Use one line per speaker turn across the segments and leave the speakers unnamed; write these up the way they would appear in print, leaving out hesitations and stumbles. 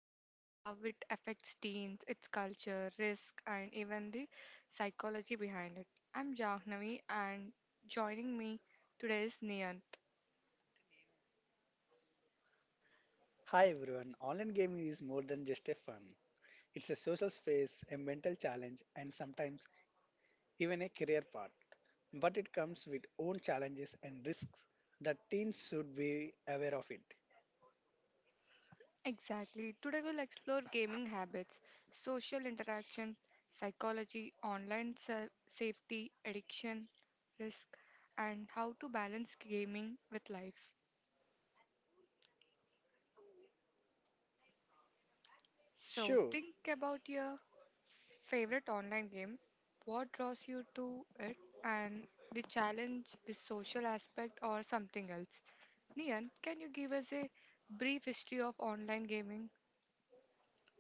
gaming, how it affects teens, its culture, risk, and even the psychology behind it. I'm Jahnavi, and joining me today is Niyant.
Hi everyone, online gaming is more than just a fun. It's a social space, a mental challenge, and sometimes even a career path. But it comes with own challenges and risks that teens should be aware of it.
Exactly, today we'll explore gaming habits, social interaction, psychology, safety, addiction, risk, and how to balance gaming with life. So
Sure,
think about your favorite online game, what draws you to it, and the challenge, the social aspect, or something else. Nian, can you give us a brief history of online gaming?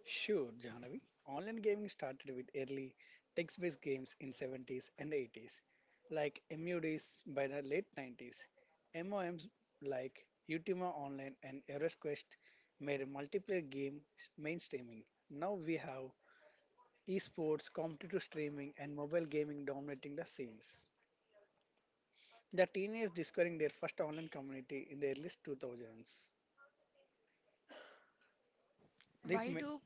sure, Janavi. Online gaming started with early text-based games in 70s and 80s, like MUDs by the late 90s. MOMs like Ultima Online and EverQuest made a multiplayer game mainstreaming. Now we have esports, competitive streaming, and mobile gaming dominating the scenes. The teenagers discovering their first online community in the early 2000s. It,
Why
ma-
do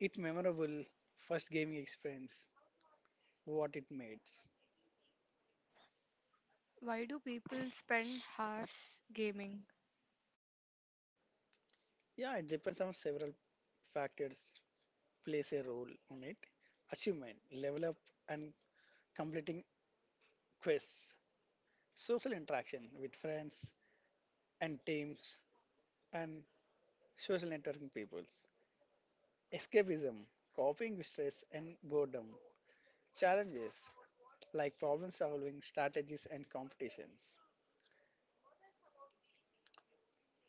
it memorable first gaming experience, what it makes.
why do people spend hours gaming?
Yeah, it depends on several factors plays a role on it. Achievement, level up and completing quests, social interaction with friends and teams, and social networking peoples. Escapism, coping with stress and boredom, challenges like problem solving, strategies, and competitions.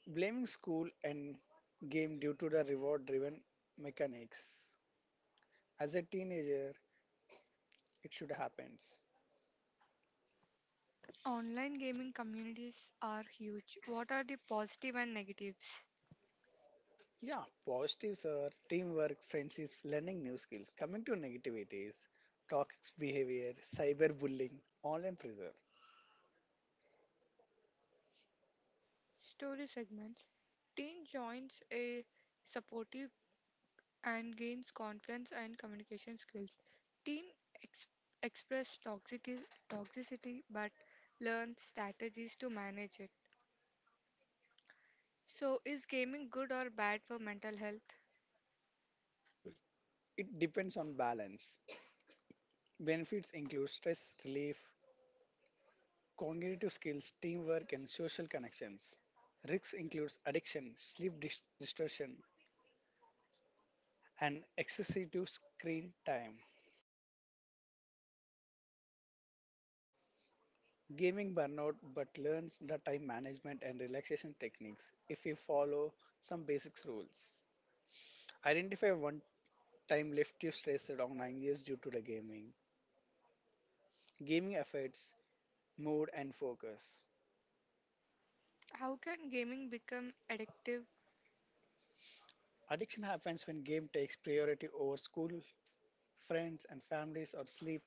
Blaming school and game due to the reward driven mechanics. As a teenager, it should happens.
Online gaming communities are huge. What are the positive and negatives?
Yeah, positives are teamwork, friendships, learning new skills. Coming to negativities, toxic behavior, cyberbullying, online pressure.
Story segments. Teen joins a supportive and gains confidence and communication skills. Teen ex- express toxic- toxicity but learn strategies to manage it. So, is gaming good or bad for mental health?
It depends on balance. Benefits include stress relief, cognitive skills, teamwork, and social connections. Risks includes addiction, sleep distortion, and excessive screen time. Gaming burnout, but learns the time management and relaxation techniques if you follow some basic rules. Identify one time left you stressed around 9 years due to the gaming. Gaming affects mood and focus.
How can gaming become addictive?
Addiction happens when game takes priority over school, friends, and families or sleep.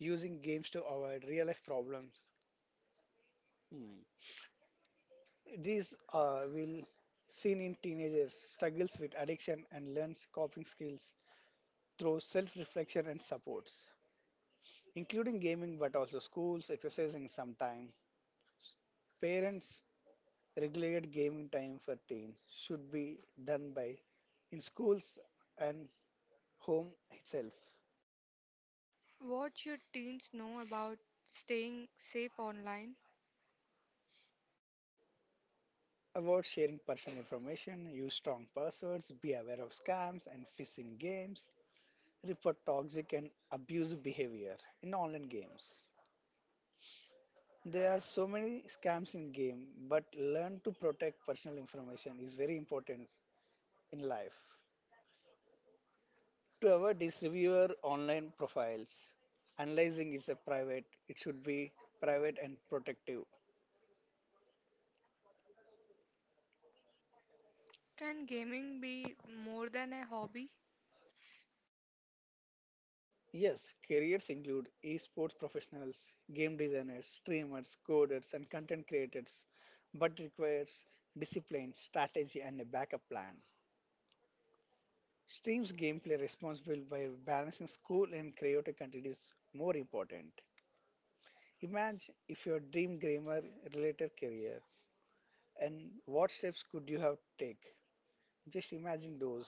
Using games to avoid real life problems. Mm. These will seen in teenagers struggles with addiction and learns coping skills through self-reflection and supports, including gaming, but also schools, exercising sometime. Parents regulate gaming time for teen should be done by in schools and home itself.
What should teens know about staying safe online?
Avoid sharing personal information, use strong passwords, be aware of scams and phishing games, report toxic and abusive behavior in online games. There are so many scams in game, but learn to protect personal information is very important in life. To avoid this, review your online profiles. Analyzing is a private, it should be private and protective.
Can gaming be more than a hobby?
Yes, careers include esports professionals, game designers, streamers, coders, and content creators, but requires discipline, strategy, and a backup plan. Streams gameplay responsible by balancing school and creative content is more important. Imagine if your dream grammar related career and what steps could you have take? Just imagine those.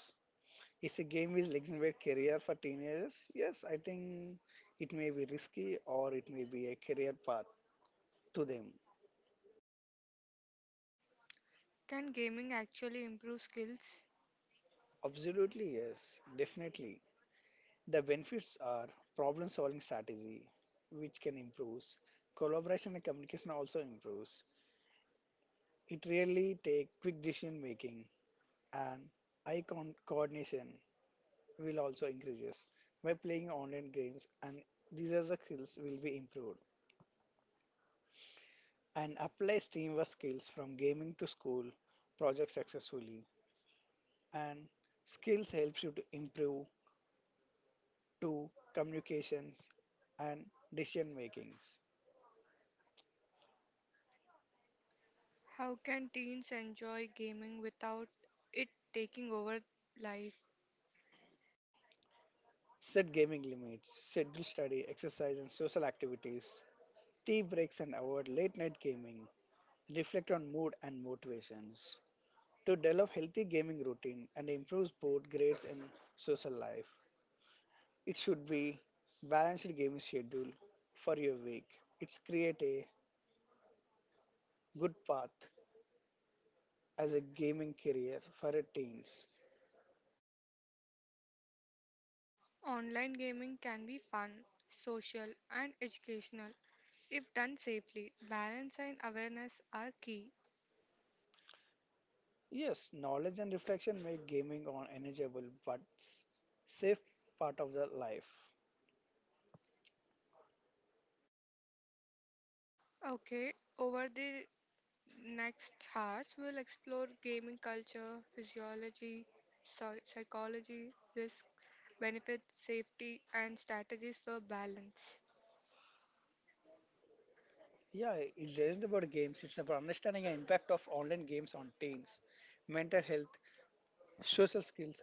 Is a game with legendary career for teenagers? Yes, I think it may be risky or it may be a career path to them.
Can gaming actually improve skills?
Absolutely, yes, definitely. The benefits are problem solving strategy, which can improve. Collaboration and communication also improves. It really take quick decision making and eye coordination will also increases by playing online games and these are the skills will be improved and applies teamwork skills from gaming to school project successfully and skills helps you to improve to communications and decision makings.
How can teens enjoy gaming without it taking over life?
Set gaming limits, schedule study, exercise, and social activities, tea breaks, and avoid late night gaming. Reflect on mood and motivations to develop healthy gaming routine and improves both grades and social life. It should be balanced gaming schedule for your week. It's create a good path as a gaming career for a teens.
Online gaming can be fun, social, and educational if done safely. Balance and awareness are key.
Yes, knowledge and reflection make gaming an enjoyable but safe part of the life.
Okay, over the next hours, we'll explore gaming culture, physiology, sorry, psychology, risk, benefits, safety, and strategies for balance.
Yeah, it's just about games. It's about understanding the impact of online games on teens, mental health, social skills,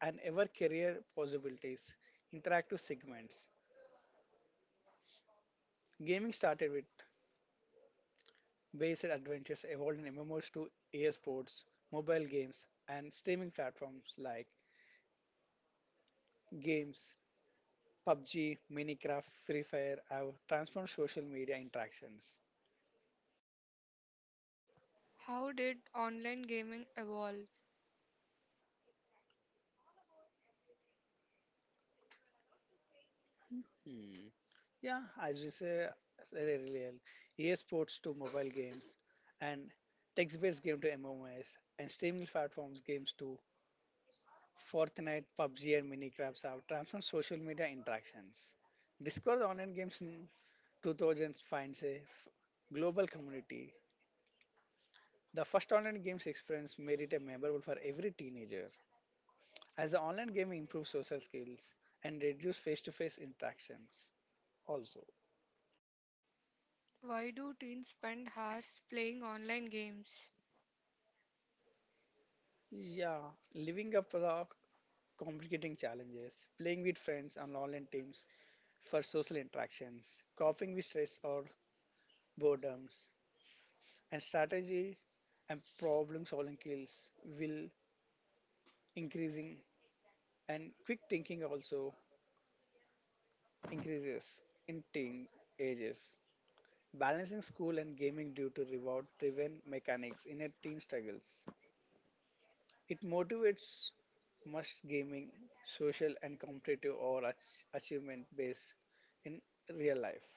and ever career possibilities. Interactive segments. Gaming started with based adventures evolved in MMOs to esports, mobile games, and streaming platforms like games, PUBG, Minecraft, Free Fire have transformed social media interactions.
How did online gaming evolve?
Hmm. Yeah, as we said earlier, esports to mobile games and text-based game to MMOs and streaming platforms games to Fortnite, PUBG, and Minecraft have transformed social media interactions. Discord online games 2000s finds a global community. The first online games experience made it a memorable for every teenager, as the online gaming improves social skills and reduce face-to-face interactions. Also,
Why do teens spend hours playing online games?
yeah, living up for the complicating challenges, playing with friends on online teams for social interactions, coping with stress or boredoms, and strategy and problem-solving skills will increasing and quick thinking also increases in teen ages, balancing school and gaming due to reward driven mechanics in a teen struggles. It motivates much gaming, social and competitive or achievement based in real life.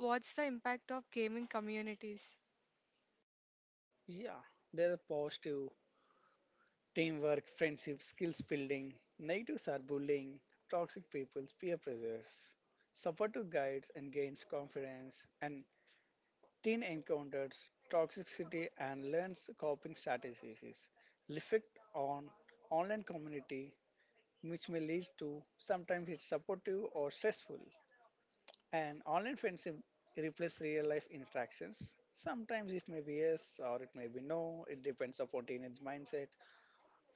What's the impact of gaming communities?
Yeah, there are positive teamwork, friendship, skills building. Negatives are bullying, toxic peoples, peer pressures. Supportive guides and gains confidence and teen encounters toxicity and learns coping strategies. Effect on online community, which may lead to sometimes it's supportive or stressful. An online friendship replaces real life interactions. Sometimes it may be yes or it may be no. It depends upon teenage mindset,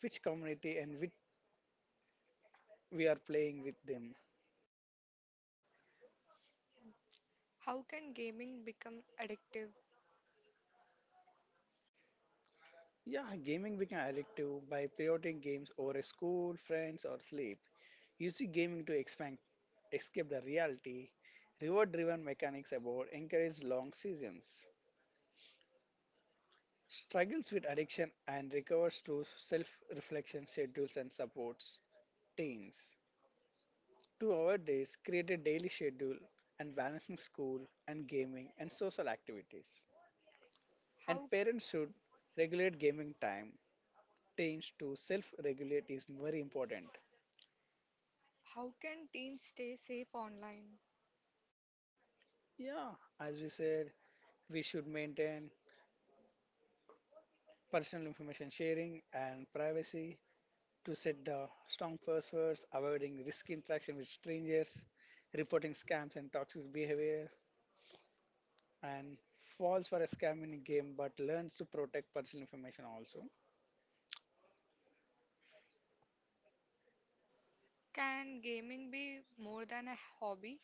which community and which we are playing with them.
How can gaming become addictive?
Yeah, gaming became addictive by prioritizing games over a school, friends, or sleep. Use gaming to expand escape the reality, reward driven mechanics aboard encourage long seasons, struggles with addiction and recovers through self reflection schedules and supports teens. To our days, create a daily schedule and balancing school and gaming and social activities. And
How
parents should regulate gaming time. Teens to self regulate is very important.
how can teens stay safe online?
Yeah, as we said, we should maintain personal information sharing and privacy to set the strong passwords, avoiding risky interaction with strangers, reporting scams and toxic behavior, and falls for a scam in a game but learns to protect personal information also.
Can gaming be more than a hobby?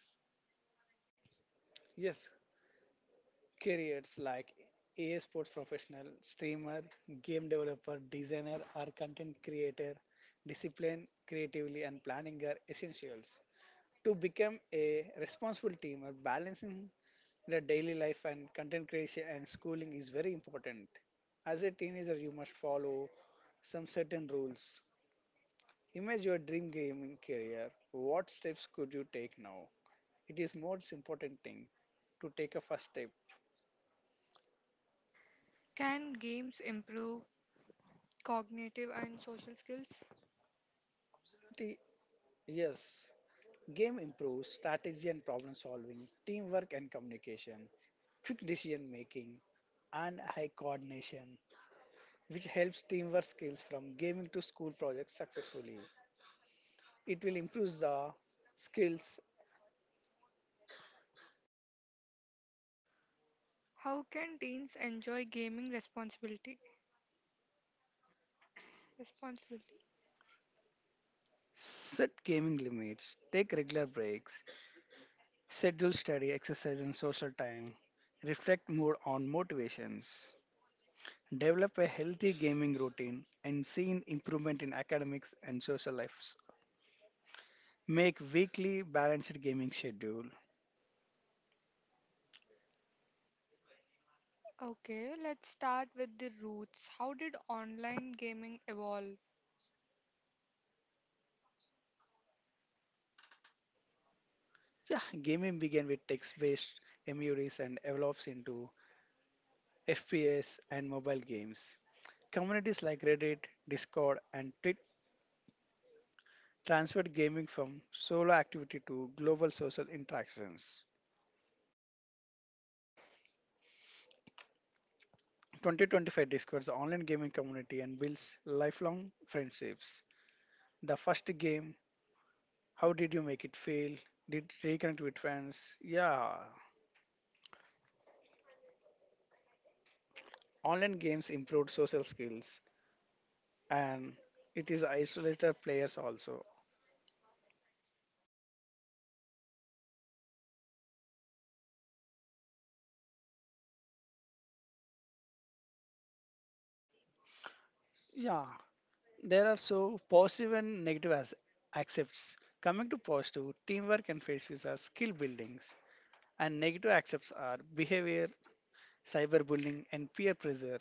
Yes, careers like a I sports professional, streamer, game developer, designer, or content creator, discipline, creatively, and planning are essentials. To become a responsible teamer, balancing the daily life and content creation and schooling is very important. As a teenager, you must follow some certain rules. Imagine your dream gaming career. What steps could you take now? It is most important thing to take a first step.
Can games improve cognitive and social skills?
Absolutely, yes. Game improves strategy and problem solving, teamwork and communication, quick decision making, and high coordination, which helps teamwork skills from gaming to school projects successfully. It will improve the skills.
How can teens enjoy gaming responsibility? Responsibility.
Set gaming limits. Take regular breaks. Schedule study, exercise, and social time. Reflect more on motivations. Develop a healthy gaming routine and see an improvement in academics and social lives. Make weekly balanced gaming schedule.
Okay, let's start with the roots. How did online gaming evolve?
Yeah, gaming began with text-based MUDs and evolves into FPS and mobile games. Communities like Reddit, Discord, and Twitch transferred gaming from solo activity to global social interactions. 2025 discovers the online gaming community and builds lifelong friendships. The first game, how did you make it feel? Did reconnect with friends? Yeah. Online games improved social skills and it is isolated players also. Yeah, there are so positive and negative as accepts. Coming to positive, teamwork and face are skill buildings, and negative accepts are behavior cyberbullying, and peer pressure.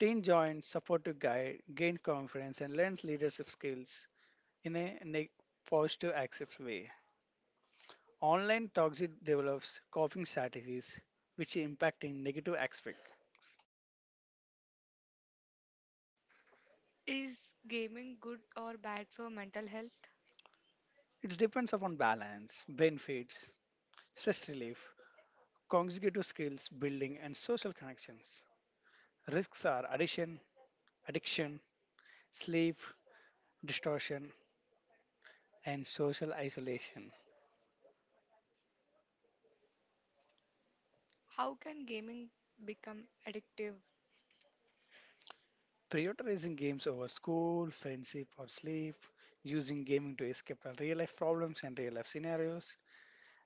Teen join supportive guide, gain confidence, and learns leadership skills in a positive, active way. Online toxic develops coping strategies which impact in negative aspects.
Is gaming good or bad for mental health?
It depends upon balance, benefits, stress relief, consecutive skills building, and social connections. Risks are addiction, sleep, distortion, and social isolation.
How can gaming become addictive?
Prioritizing games over school, friendship, or sleep, using gaming to escape our real life problems and real life scenarios,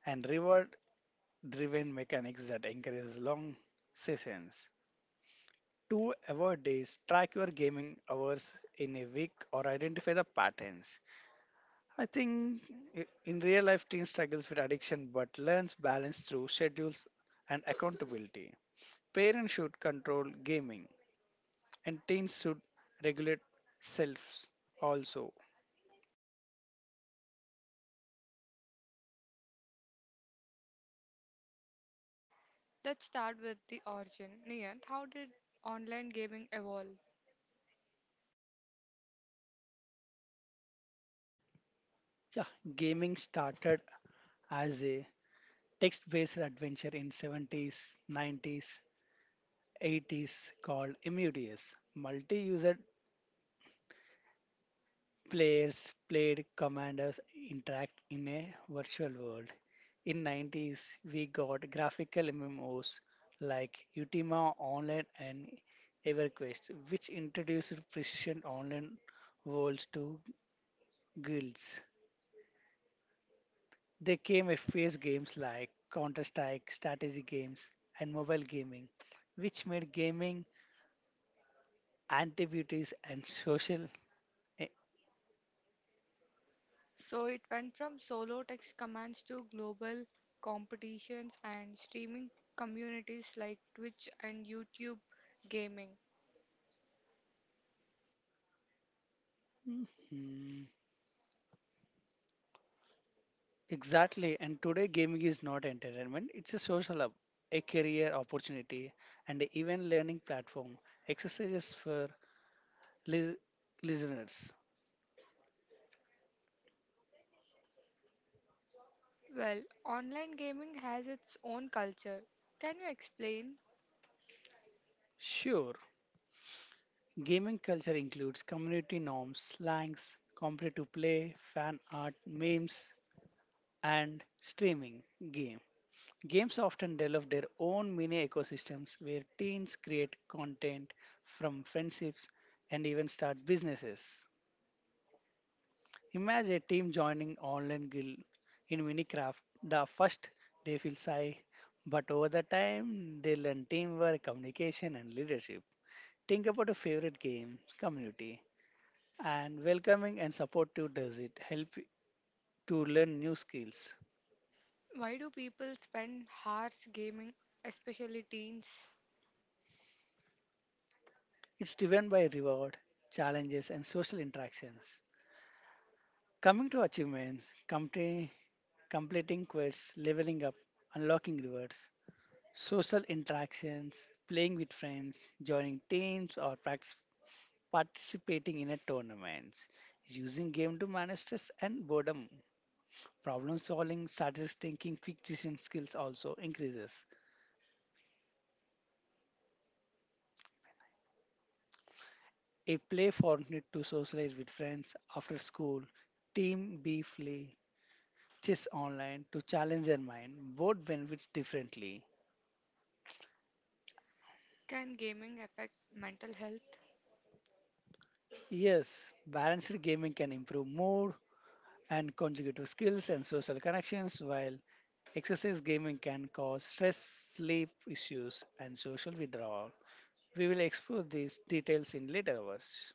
and reward driven mechanics that encourage long sessions. To avoid this, track your gaming hours in a week or identify the patterns. I think in real life, teen struggles with addiction but learns balance through schedules and accountability. Parents should control gaming, and teens should regulate selves also.
Let's start with the origin. Niyant, how did online gaming evolve?
Yeah, gaming started as a text-based adventure in 70s, 90s, 80s called MUDS. Multi-user players played commanders interact in a virtual world. In 90s, we got graphical MMOs like Ultima Online and EverQuest, which introduced precision online worlds to guilds. They came FPS games like Counter Strike, strategy games, and mobile gaming, which made gaming activities and social. eh,
So it went from solo text commands to global competitions and streaming communities like Twitch and YouTube gaming.
mm, Exactly, and today gaming is not entertainment, it's a social hub, a career opportunity, and even learning platform. Exercises for lis- listeners.
Well, online gaming has its own culture. Can you explain
Sure, gaming culture includes community norms, slangs, competitive play, fan art, memes, and streaming games. Games often develop their own mini ecosystems where teens create content from friendships and even start businesses. Imagine a team joining online guild in Minecraft. The first they feel shy, but over the time they learn teamwork, communication, and leadership. Think about a favorite game, community, and welcoming and supportive does it help to learn new skills.
why do people spend hours gaming, especially teens?
It's driven by reward, challenges, and social interactions. Coming to achievements, completing quests, leveling up, unlocking rewards, social interactions, playing with friends, joining teams, or practice, participating in a tournaments, using game to manage stress and boredom. Problem solving, strategic thinking, quick decision skills also increases. A play fortnight to socialize with friends after school, team B play, chess online to challenge their mind. Both benefits differently.
Can gaming affect mental health?
Yes, balanced gaming can improve mood and conjugative skills and social connections, while excessive gaming can cause stress, sleep issues, and social withdrawal. We will explore these details in later hours.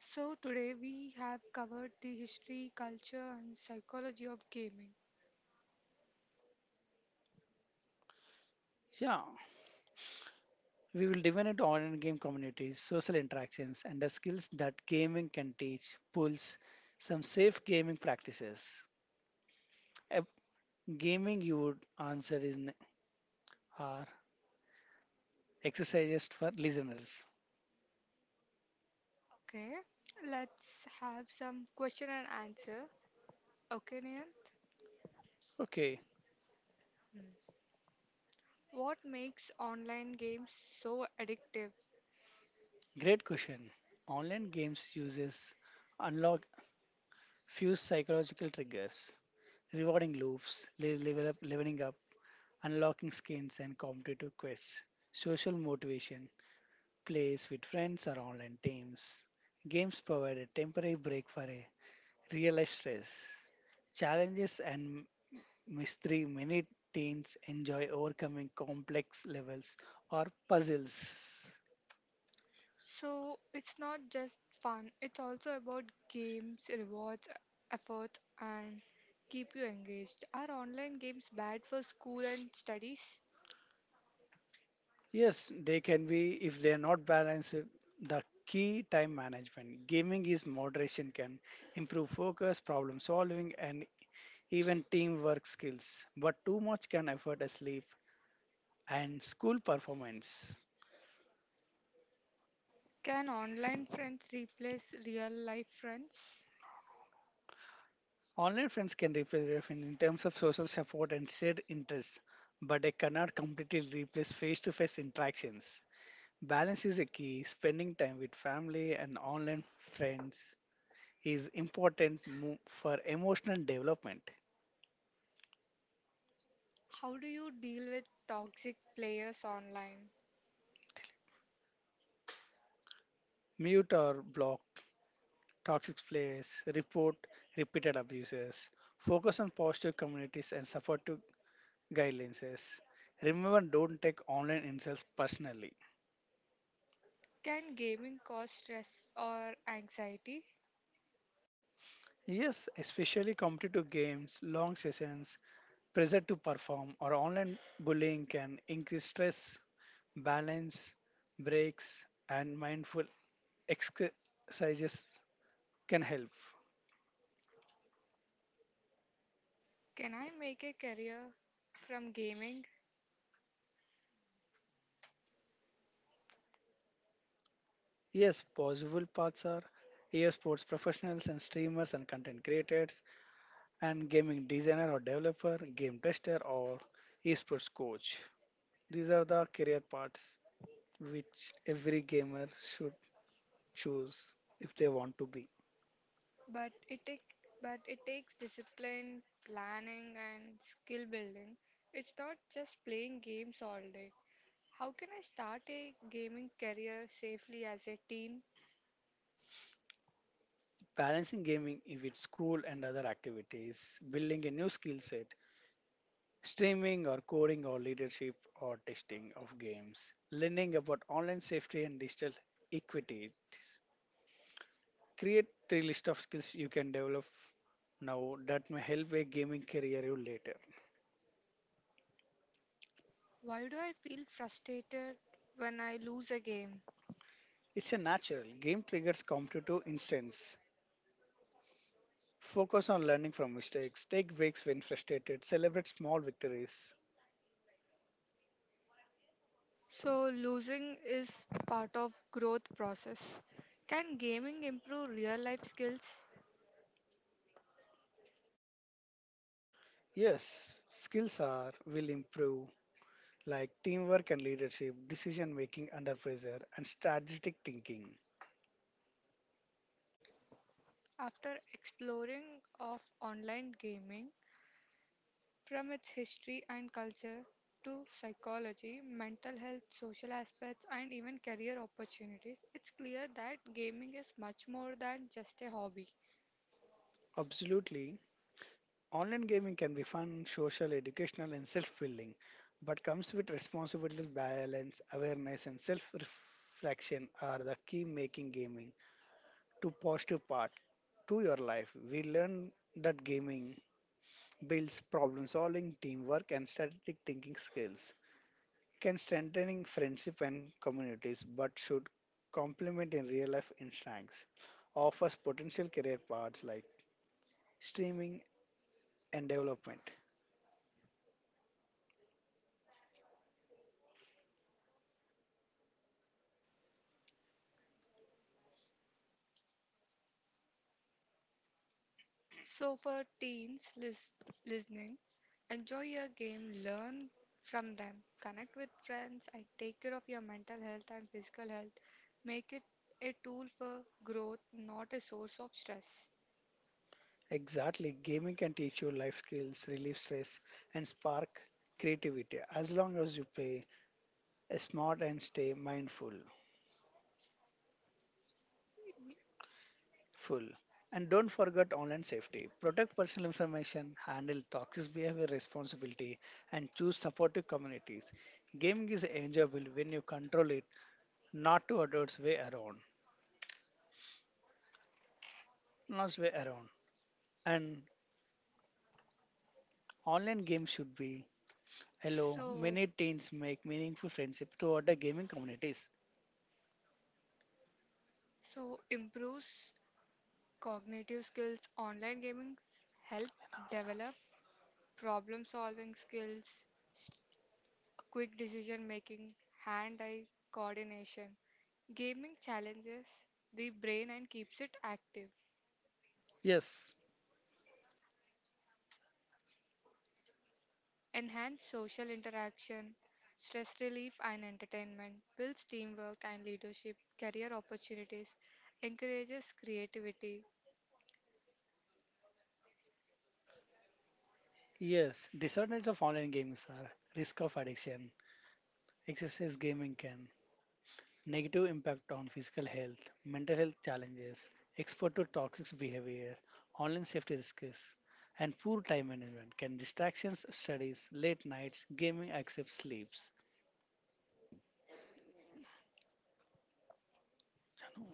So today we have covered the history, culture and psychology of gaming.
Yeah, we will dive into online game communities, social interactions, and the skills that gaming can teach, pulls some safe gaming practices. A gaming you would answer is are exercises for listeners.
Okay, let's have some question and answer. Okay, Niyant?
Okay,
Hmm. What makes online games so addictive?
great question. Online games uses unlock few psychological triggers, rewarding loops, leveling up, unlocking skins and competitive quests, social motivation, plays with friends or online teams. Games provide a temporary break for a real life stress. Challenges and mystery many teens enjoy overcoming complex levels or puzzles.
So it's not just fun, it's also about games, rewards, effort, and keep you engaged. Are online games bad for school and studies?
Yes, they can be if they are not balanced. The key time management. Gaming is moderation can improve focus, problem solving, and even teamwork skills. But too much can affect a sleep and school performance.
Can online friends replace real life friends?
Online friends can replace real friends in terms of social support and shared interests, but they cannot completely replace face to face interactions. Balance is a key. Spending time with family and online friends is important for emotional development.
How do you deal with toxic players online?
Mute or block toxic plays, report repeated abuses, focus on positive communities and supportive guidelines. Remember, don't take online insults personally.
Can gaming cause stress or anxiety?
Yes, especially competitive games, long sessions, pressure to perform, or online bullying can increase stress, balance, breaks, and mindful exercises can help.
Can I make a career from gaming?
Yes, possible paths are EA sports professionals and streamers and content creators and gaming designer or developer, game tester or esports coach. These are the career paths which every gamer should choose if they want to be.
But it take, but it takes discipline, planning and skill building. It's not just playing games all day. How can I start a gaming career safely as a teen?
Balancing gaming with school and other activities, building a new skill set, streaming or coding or leadership or testing of games, learning about online safety and digital equity create three list of skills you can develop now that may help a gaming career you later.
Why do I feel frustrated when I lose a game?
It's a natural. Game triggers competitive instance. Focus on learning from mistakes. Take breaks when frustrated. Celebrate small victories.
So losing is part of growth process. Can gaming improve real life skills?
Yes, skills are will improve like teamwork and leadership, decision making under pressure, and strategic thinking.
After exploring of online gaming, from its history and culture to psychology, mental health, social aspects, and even career opportunities, it's clear that gaming is much more than just a hobby.
Absolutely, online gaming can be fun, social, educational, and self building, but comes with responsibility, balance, awareness, and self reflection are the key making gaming to positive part to your life. We learn that gaming builds problem solving, teamwork, and strategic thinking skills, can strengthening friendship and communities, but should complement in real life instincts, offers potential career paths like streaming and development.
So, for teens listening, enjoy your game, learn from them, connect with friends, and take care of your mental health and physical health. Make it a tool for growth, not a source of stress.
Exactly. Gaming can teach you life skills, relieve stress, and spark creativity as long as you play smart and stay mindful. Full. And don't forget online safety. Protect personal information, handle toxic behavior responsibility, and choose supportive communities. Gaming is enjoyable when you control it, not to adults way around. Not way around. And online games should be hello.
So,
Many teens make meaningful friendship toward other gaming communities.
So, improves cognitive skills. Online gaming help develop problem-solving skills, s- quick decision-making, hand-eye coordination. Gaming challenges the brain and keeps it active.
Yes.
Enhance social interaction, stress relief and entertainment, builds teamwork and leadership, career opportunities, encourages creativity.
Yes, disadvantages of online games are risk of addiction, excessive gaming can, negative impact on physical health, mental health challenges, exposure to toxic behavior, online safety risks, and poor time management can distractions, studies, late nights, gaming accepts sleeps. Janu.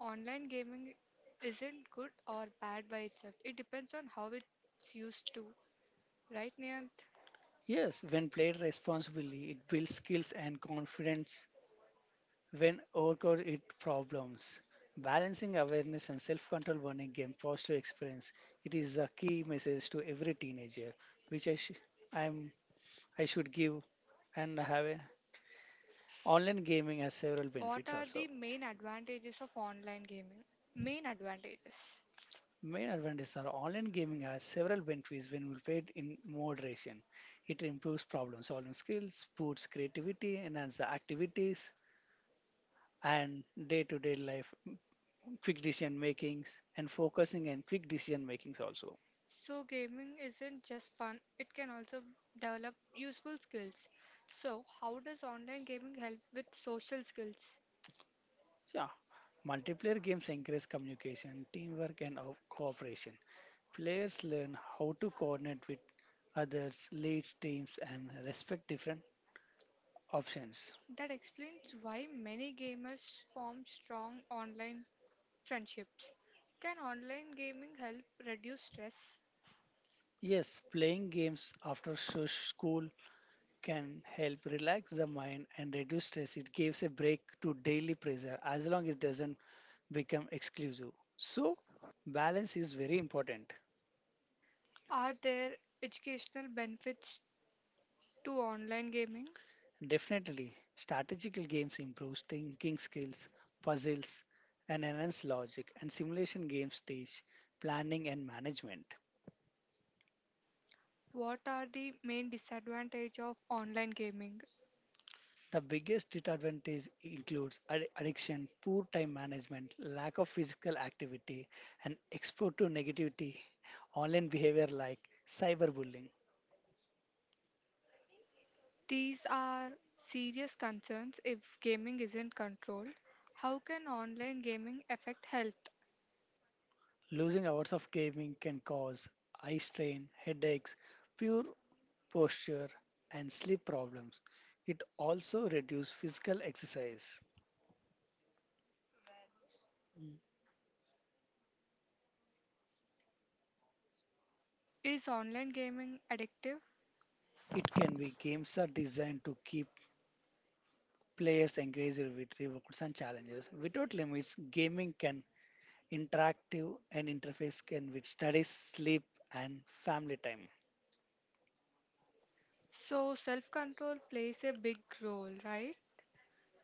Online gaming isn't good or bad by itself. It depends on how it's used to. Right, Niant?
Yes, when played responsibly, it builds skills and confidence when overcrowd it problems. Balancing awareness and self-control burning game positive experience. It is a key message to every teenager, which I sh- I'm I should give and have a online gaming has several
What
benefits
are
also.
the main advantages of online gaming? Main advantages.
Main advantages are online gaming has several benefits when we play it in moderation. It improves problem solving skills, boosts creativity, enhances the activities and day to day life quick decision makings and focusing and quick decision makings also.
So, gaming isn't just fun, it can also develop useful skills. So, how does online gaming help with social skills?
Yeah, multiplayer games encourage communication, teamwork, and cooperation. Players learn how to coordinate with others, lead teams, and respect different options.
That explains why many gamers form strong online friendships. Can online gaming help reduce stress?
Yes, playing games after school can help relax the mind and reduce stress. It gives a break to daily pressure as long as it doesn't become exclusive. So, balance is very important.
Are there educational benefits to online gaming?
Definitely, strategical games improve thinking skills, puzzles, and enhance logic, and simulation games teach planning and management.
What are the main disadvantages of online gaming?
The biggest disadvantage includes addiction, poor time management, lack of physical activity, and exposure to negativity, online behavior like cyberbullying.
These are serious concerns if gaming isn't controlled. How can online gaming affect health?
Losing hours of gaming can cause eye strain, headaches, pure posture, and sleep problems. It also reduces physical exercise. Mm.
Is online gaming addictive?
It can be games are designed to keep players engaged with rewards and challenges. Without limits, gaming can interactive and interface can with studies, sleep, and family time.
So self-control plays a big role, right?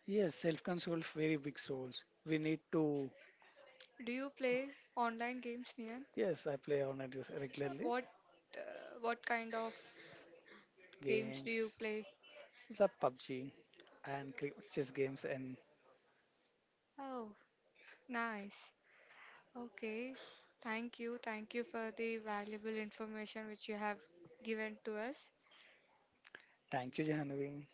Yes, self-control very big roles. We need to.
Do you play online games, Niant?
Yes, I play on it regularly.
What what kind of games do you
Games,
play?
it's a PUBG and chess games. And
Oh, nice. Okay, thank you. Thank you for the valuable information which you have given to us.
thank you, Jehanavi.